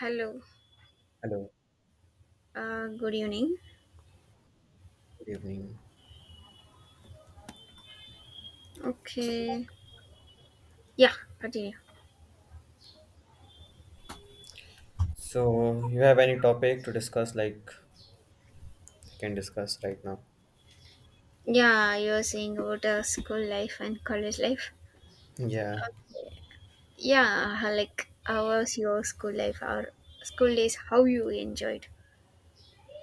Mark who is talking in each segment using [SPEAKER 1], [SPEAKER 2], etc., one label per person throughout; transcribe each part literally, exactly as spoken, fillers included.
[SPEAKER 1] Hello.
[SPEAKER 2] Hello,
[SPEAKER 1] Uh, good evening.
[SPEAKER 2] good evening.
[SPEAKER 1] Okay. Yeah, continue.
[SPEAKER 2] So, you have any topic to discuss, like we can discuss right now?
[SPEAKER 1] Yeah, you were saying about uh, school life and college life.
[SPEAKER 2] Yeah.
[SPEAKER 1] Okay. Yeah, uh, like how was your school life or school days? How you enjoyed?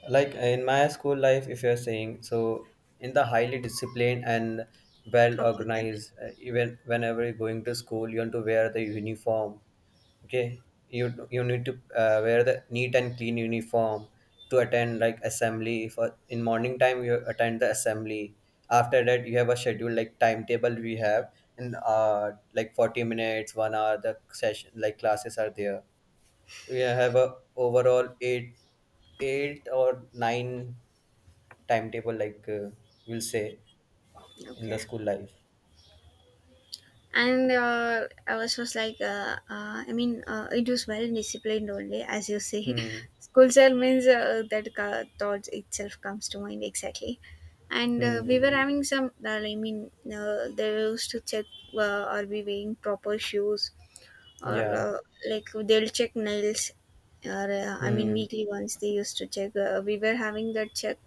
[SPEAKER 2] like uh, In my school life, if you're saying so, in the highly disciplined and well
[SPEAKER 1] Okay.
[SPEAKER 2] organized, uh, even whenever you're going to school you want to wear the uniform. Okay, you you need to uh, wear the neat and clean uniform to attend like assembly, for in morning time you attend the assembly. After that you have a schedule, like timetable we have, and uh like 40 minutes, one hour the session, like classes are there. We have a overall eight, eight or nine timetable, like uh, we'll say, in the
[SPEAKER 1] Okay.
[SPEAKER 2] school life.
[SPEAKER 1] and uh, i was just like uh, uh, i mean uh, it was well disciplined only as you say
[SPEAKER 2] Hmm.
[SPEAKER 1] school cell means uh, that ca- thought itself comes to mind exactly. And
[SPEAKER 2] Hmm.
[SPEAKER 1] uh, we were
[SPEAKER 2] Hmm.
[SPEAKER 1] having some uh, i mean uh, they used to check uh, are we wearing proper shoes, or
[SPEAKER 2] Yeah.
[SPEAKER 1] uh, like they'll check nails, or uh, I mean
[SPEAKER 2] Hmm.
[SPEAKER 1] weekly once they used to check. Uh, we were having that check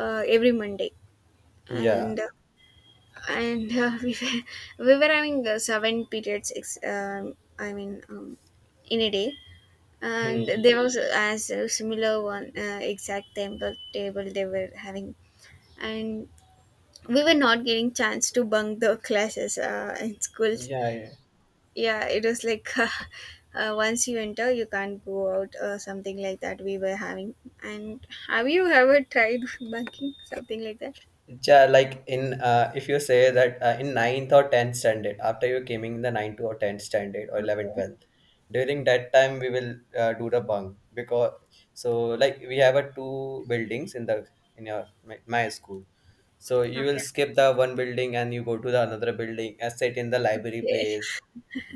[SPEAKER 1] uh, every Monday.
[SPEAKER 2] Yeah.
[SPEAKER 1] And uh, and uh, we were we were having uh, seven periods. Ex- um, I mean, um, in a day,
[SPEAKER 2] Hmm.
[SPEAKER 1] and there was as a similar one, uh, exact table table they were having, and we were not getting chance to bunk the classes uh, in schools.
[SPEAKER 2] Yeah, yeah.
[SPEAKER 1] Yeah, it was like. Uh, uh, once you enter, you can't go out or something like that. We were having, and have you ever tried bunking something like that?
[SPEAKER 2] Ja, like in uh, if you say that uh, in ninth or tenth standard, after you came in the ninth or tenth standard or eleventh,
[SPEAKER 1] Okay,
[SPEAKER 2] twelfth, during that time we will uh, do the bunk. Because so like we have a two buildings in the, in your my, my school. So you will
[SPEAKER 1] okay.
[SPEAKER 2] skip the one building and you go to the another building and sit in the library place.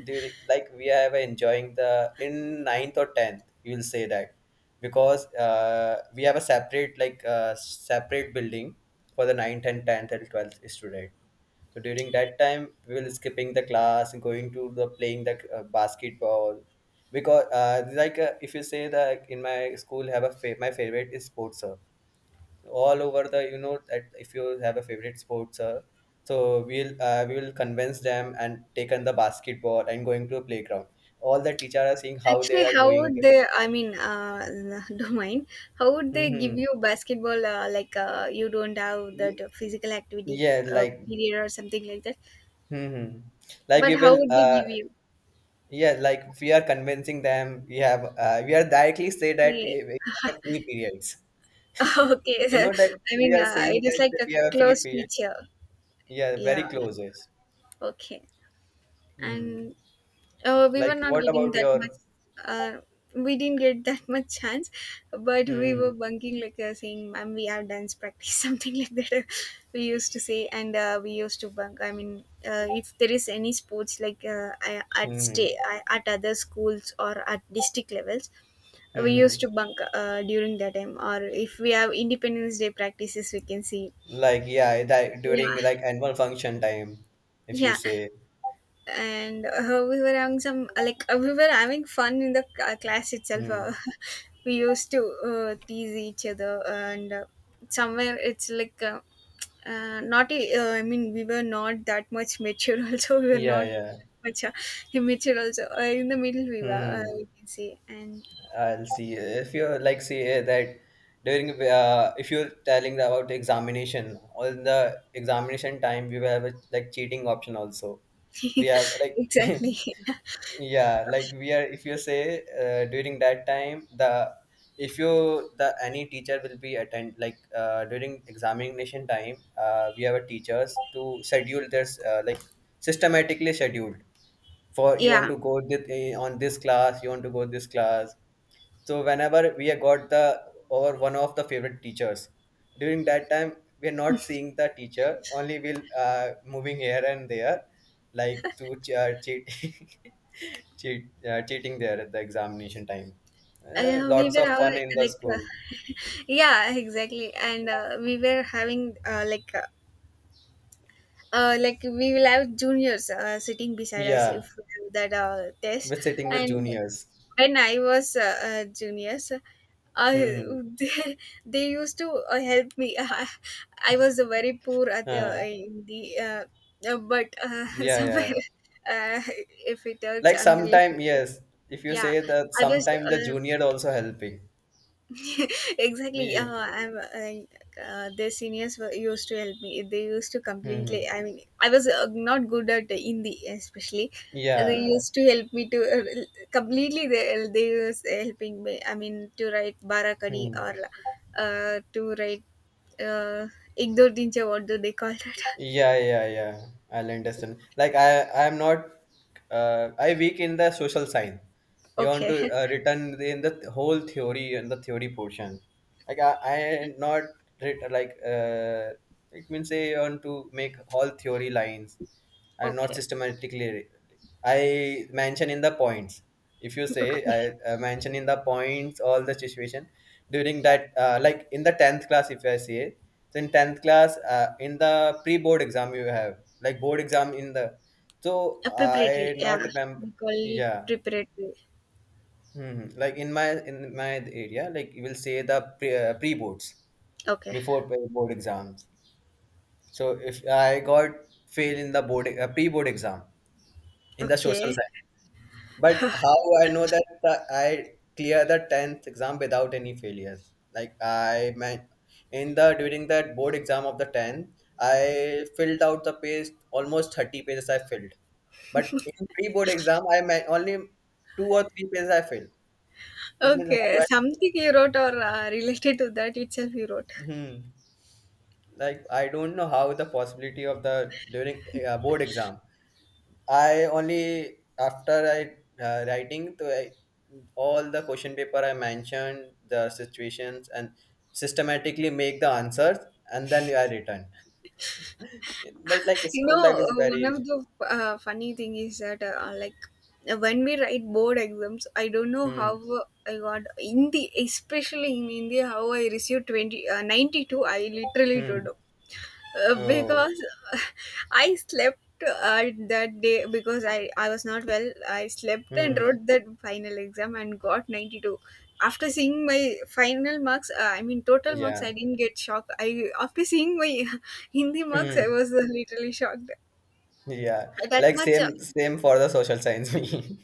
[SPEAKER 2] During, like we have enjoying the in ninth or tenth, you will say that because uh, we have a separate like uh, separate building for the ninth, and tenth and twelfth student. So during that time we will skipping the class and going to the playing the uh, basketball. Because uh, like uh, if you say that in my school have a fa- my favorite is sports sir. All over the, you know that if you have a favorite sports sir, so we'll uh, we will convince them and take on the basketball and going to a playground. All the teachers are seeing how they
[SPEAKER 1] Actually,
[SPEAKER 2] are
[SPEAKER 1] how
[SPEAKER 2] going.
[SPEAKER 1] would they? I mean, uh, don't mind. How would they give
[SPEAKER 2] Mhm.
[SPEAKER 1] you basketball? Uh, like, uh, you don't have that physical activity
[SPEAKER 2] Yeah,
[SPEAKER 1] uh,
[SPEAKER 2] like.
[SPEAKER 1] period or something like that.
[SPEAKER 2] Hmm, hmm. Like
[SPEAKER 1] But
[SPEAKER 2] we
[SPEAKER 1] how
[SPEAKER 2] will,
[SPEAKER 1] would they
[SPEAKER 2] uh,
[SPEAKER 1] give you?
[SPEAKER 2] yeah, like we are convincing them. We have, uh, we are directly say that,
[SPEAKER 1] Hey.
[SPEAKER 2] eh, we have free periods. You
[SPEAKER 1] Okay,
[SPEAKER 2] know that
[SPEAKER 1] I
[SPEAKER 2] we
[SPEAKER 1] mean,
[SPEAKER 2] are
[SPEAKER 1] uh,
[SPEAKER 2] saying
[SPEAKER 1] it is
[SPEAKER 2] that
[SPEAKER 1] like a
[SPEAKER 2] we have a free
[SPEAKER 1] close
[SPEAKER 2] period.
[SPEAKER 1] teacher.
[SPEAKER 2] Yeah,
[SPEAKER 1] Yeah.
[SPEAKER 2] very close is.
[SPEAKER 1] Okay.
[SPEAKER 2] Hmm.
[SPEAKER 1] And Uh, we
[SPEAKER 2] Like,
[SPEAKER 1] were not
[SPEAKER 2] what
[SPEAKER 1] getting
[SPEAKER 2] about
[SPEAKER 1] that
[SPEAKER 2] your?
[SPEAKER 1] much. Uh, we didn't get that much chance, but we
[SPEAKER 2] Hmm.
[SPEAKER 1] were bunking like uh, saying, "Ma'am, we have dance practice," something like that. We used to say, and uh, we used to bunk. I mean, uh, if there is any sports like uh, I- at
[SPEAKER 2] Hmm. Hmm.
[SPEAKER 1] stay at other schools or at district levels, we
[SPEAKER 2] Hmm, hmm.
[SPEAKER 1] used to bunk uh, during that time. Or if we have Independence Day practices, we can see.
[SPEAKER 2] Like, yeah, that
[SPEAKER 1] Yeah,
[SPEAKER 2] during like annual function time, if you
[SPEAKER 1] yeah.
[SPEAKER 2] say.
[SPEAKER 1] And uh, we were having some uh, like, uh, we were having fun in the c- uh, class itself. Uh,
[SPEAKER 2] Hmm.
[SPEAKER 1] we used to uh, tease each other, and uh, somewhere it's like uh, uh, not a- uh, I mean we were not that much mature, also we were
[SPEAKER 2] Yeah,
[SPEAKER 1] not
[SPEAKER 2] yeah.
[SPEAKER 1] that much uh, immature also. Uh, in the middle we were, uh,
[SPEAKER 2] Hmm.
[SPEAKER 1] we can say. And
[SPEAKER 2] I'll see if you're like say that during, uh, if you're telling about examination, on the examination time we will have a like cheating option also. We have like
[SPEAKER 1] exactly,
[SPEAKER 2] yeah, like we are, if you say uh, during that time, the, if you the any teacher will be attend like uh, during examination time, uh, we have a teachers to schedule their uh, like systematically scheduled for, you want
[SPEAKER 1] yeah.
[SPEAKER 2] to go this, on this class you want to go this class. So whenever we have got the, or one of the favorite teachers, during that time we are not seeing the teacher, only we'll uh, moving here and there, like to ch- uh, cheat, cheat, uh, cheating there at the examination time. Uh,
[SPEAKER 1] Uh, we
[SPEAKER 2] lots
[SPEAKER 1] were
[SPEAKER 2] of
[SPEAKER 1] all
[SPEAKER 2] fun in the
[SPEAKER 1] like uh,
[SPEAKER 2] school.
[SPEAKER 1] yeah exactly. And uh, we were having, uh, like uh, uh, like, we will have juniors uh, sitting beside us
[SPEAKER 2] Yeah,
[SPEAKER 1] if we do that uh, test.
[SPEAKER 2] we're sitting with
[SPEAKER 1] and
[SPEAKER 2] juniors.
[SPEAKER 1] when i was uh, uh, juniors, uh,
[SPEAKER 2] Hmm.
[SPEAKER 1] they, they used to uh, help me. I was very poor at the
[SPEAKER 2] Huh.
[SPEAKER 1] in the, uh, uh, but uh,
[SPEAKER 2] Yeah, yeah.
[SPEAKER 1] somewhere, uh, if it hurts
[SPEAKER 2] Like
[SPEAKER 1] I'm really
[SPEAKER 2] sometime,
[SPEAKER 1] sorry.
[SPEAKER 2] yes. If you
[SPEAKER 1] Yeah,
[SPEAKER 2] say that
[SPEAKER 1] I was
[SPEAKER 2] sometime the
[SPEAKER 1] uh,
[SPEAKER 2] junior also helping.
[SPEAKER 1] exactly.
[SPEAKER 2] Yeah.
[SPEAKER 1] uh, I'm uh, uh, Their seniors were, used to help me. They used to
[SPEAKER 2] Hmm,
[SPEAKER 1] completely,
[SPEAKER 2] hmm.
[SPEAKER 1] I mean, I was uh, not good at Hindi especially. They
[SPEAKER 2] Yeah.
[SPEAKER 1] used to help me to uh, completely they, they was helping me, I mean, to write barakadi,
[SPEAKER 2] Hmm.
[SPEAKER 1] or uh, to write, uh, igdo dinche, what do they call that.
[SPEAKER 2] Yeah, yeah, yeah. I'll understand. Like I, I'm not. Uh, I weak in the social science. You want to
[SPEAKER 1] Okay,
[SPEAKER 2] uh, return in the whole theory and the theory portion. Like I, I am not writ- like. Uh, it means I want to make all theory lines. I'm not
[SPEAKER 1] okay,
[SPEAKER 2] systematically. I mention in the points. If you say
[SPEAKER 1] okay.
[SPEAKER 2] I uh, mention in the points all the situation during that, uh, like in the tenth class, if I say, so in tenth class, uh, in the pre-board exam you have like board exam in the, so
[SPEAKER 1] A preparatory,
[SPEAKER 2] I
[SPEAKER 1] yeah,
[SPEAKER 2] not remember.
[SPEAKER 1] we call it
[SPEAKER 2] Yeah,
[SPEAKER 1] preparatory.
[SPEAKER 2] hmm, like in my in my area, like you will say the pre uh, pre-boards
[SPEAKER 1] Okay,
[SPEAKER 2] before pre- board exams. So if I got fail in the board uh, pre-board exam in the social
[SPEAKER 1] okay.
[SPEAKER 2] science. But how I know that the, I clear the tenth exam without any failures? Like I meant in the during that board exam of the tenth, I filled out the page almost thirty pages I filled. But in pre-board exam, I meant only two or three pages I filled. It means how
[SPEAKER 1] Okay,
[SPEAKER 2] I,
[SPEAKER 1] something you wrote or uh, related to that itself you wrote.
[SPEAKER 2] hmm, like I don't know how the possibility of the during uh, board exam. I only after I uh, writing to I, all the question paper I mentioned the situations and systematically make the answers and then I return. But like
[SPEAKER 1] You
[SPEAKER 2] school
[SPEAKER 1] know,
[SPEAKER 2] life is
[SPEAKER 1] uh, one
[SPEAKER 2] very.
[SPEAKER 1] of the uh, funny thing is that, uh, like, uh, when we write board exams, I don't know how
[SPEAKER 2] Hmm.
[SPEAKER 1] uh, I got Hindi, especially in India, how I received twenty, uh, ninety-two. I literally don't
[SPEAKER 2] Hmm.
[SPEAKER 1] know. Uh,
[SPEAKER 2] Oh.
[SPEAKER 1] because uh, I slept uh, that day because I, I was not well. I slept and
[SPEAKER 2] Hmm.
[SPEAKER 1] wrote that final exam and got ninety-two. After seeing my final marks, uh, I mean total marks,
[SPEAKER 2] Yeah.
[SPEAKER 1] I didn't get shocked. I, after seeing my Hindi marks, I
[SPEAKER 2] Hmm.
[SPEAKER 1] was uh, literally shocked
[SPEAKER 2] Yeah,
[SPEAKER 1] that
[SPEAKER 2] like
[SPEAKER 1] much. uh,
[SPEAKER 2] same same for the social science. Me.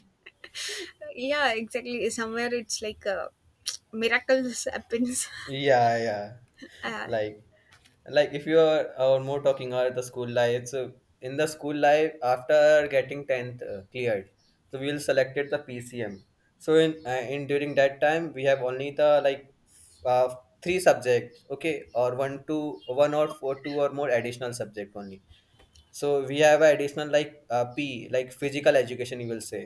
[SPEAKER 1] Yeah, exactly, somewhere it's like uh, miracles happens.
[SPEAKER 2] Yeah, yeah.
[SPEAKER 1] uh,
[SPEAKER 2] Like, like if you are or more talking about the school life, so in the school life after getting tenth uh, cleared, so we'll selected the P C M. So in uh, in during that time we have only the like uh, three subjects, okay, or one two one or four two or more additional subject only. So we have a additional like uh, p, like physical education, you will say.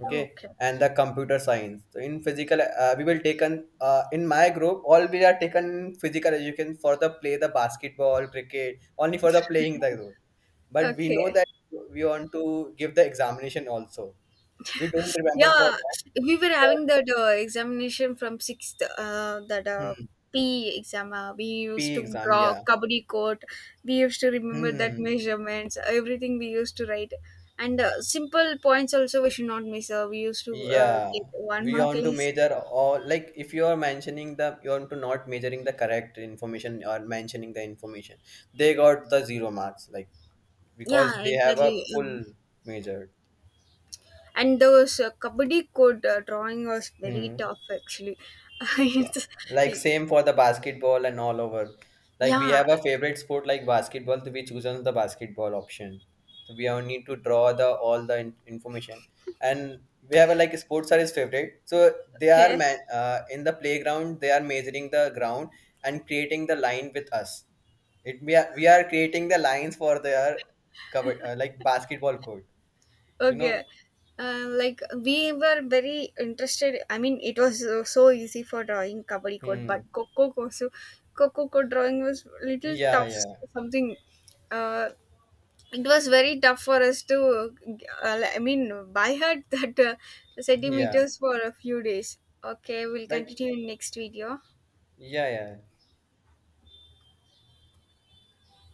[SPEAKER 2] Okay.
[SPEAKER 1] okay,
[SPEAKER 2] And the computer science. So in physical, uh, we will taken uh, in my group all we are taken physical education for the play the basketball, cricket, only for the playing the role. But we know
[SPEAKER 1] okay.
[SPEAKER 2] that we want to give the examination also. We don't remember for
[SPEAKER 1] Yeah,
[SPEAKER 2] that.
[SPEAKER 1] we were
[SPEAKER 2] We want,
[SPEAKER 1] having that uh, examination from sixth, uh, that uh,
[SPEAKER 2] hmm,
[SPEAKER 1] P exam. Uh, we used
[SPEAKER 2] p
[SPEAKER 1] to
[SPEAKER 2] exam,
[SPEAKER 1] draw
[SPEAKER 2] yeah.
[SPEAKER 1] kabaddi court. We used to remember that
[SPEAKER 2] Hmm.
[SPEAKER 1] measurements. Everything we used to write, and uh, simple points also we should not miss. Uh, we used to uh,
[SPEAKER 2] Yeah,
[SPEAKER 1] get one
[SPEAKER 2] we
[SPEAKER 1] mark
[SPEAKER 2] want to
[SPEAKER 1] less.
[SPEAKER 2] measure all, like if you are mentioning the, you want to not measuring the correct information or mentioning the information, they got the zero marks. Like
[SPEAKER 1] Yeah,
[SPEAKER 2] because they have a
[SPEAKER 1] exactly. Um,
[SPEAKER 2] full measured.
[SPEAKER 1] And those uh, kabaddi court uh, drawing was very
[SPEAKER 2] Hmm.
[SPEAKER 1] tough actually.
[SPEAKER 2] Yeah,
[SPEAKER 1] It's-
[SPEAKER 2] like same for the basketball and all over. Like we
[SPEAKER 1] yeah.
[SPEAKER 2] have a favorite sport like basketball, so we choose on the basketball option. So we all need to draw the all the in- information, and we have a like sports are his favorite. So they are
[SPEAKER 1] Okay.
[SPEAKER 2] man, uh, in the playground, they are measuring the ground and creating the line with us. It we are we are creating the lines for their cover, uh, like basketball court. You
[SPEAKER 1] Okay.
[SPEAKER 2] know.
[SPEAKER 1] Uh, like, we were very interested. I mean, it was uh, so easy for drawing kabaddi code, but
[SPEAKER 2] Hmm.
[SPEAKER 1] coco kosu, coco code drawing was little
[SPEAKER 2] Yeah.
[SPEAKER 1] tough.
[SPEAKER 2] Yeah.
[SPEAKER 1] Something, uh, it was very tough for us to. Uh, I mean, by heart that uh,
[SPEAKER 2] Yeah.
[SPEAKER 1] centimeters for a few days. Okay, we'll
[SPEAKER 2] Like.
[SPEAKER 1] continue in next video.
[SPEAKER 2] Yeah. Yeah.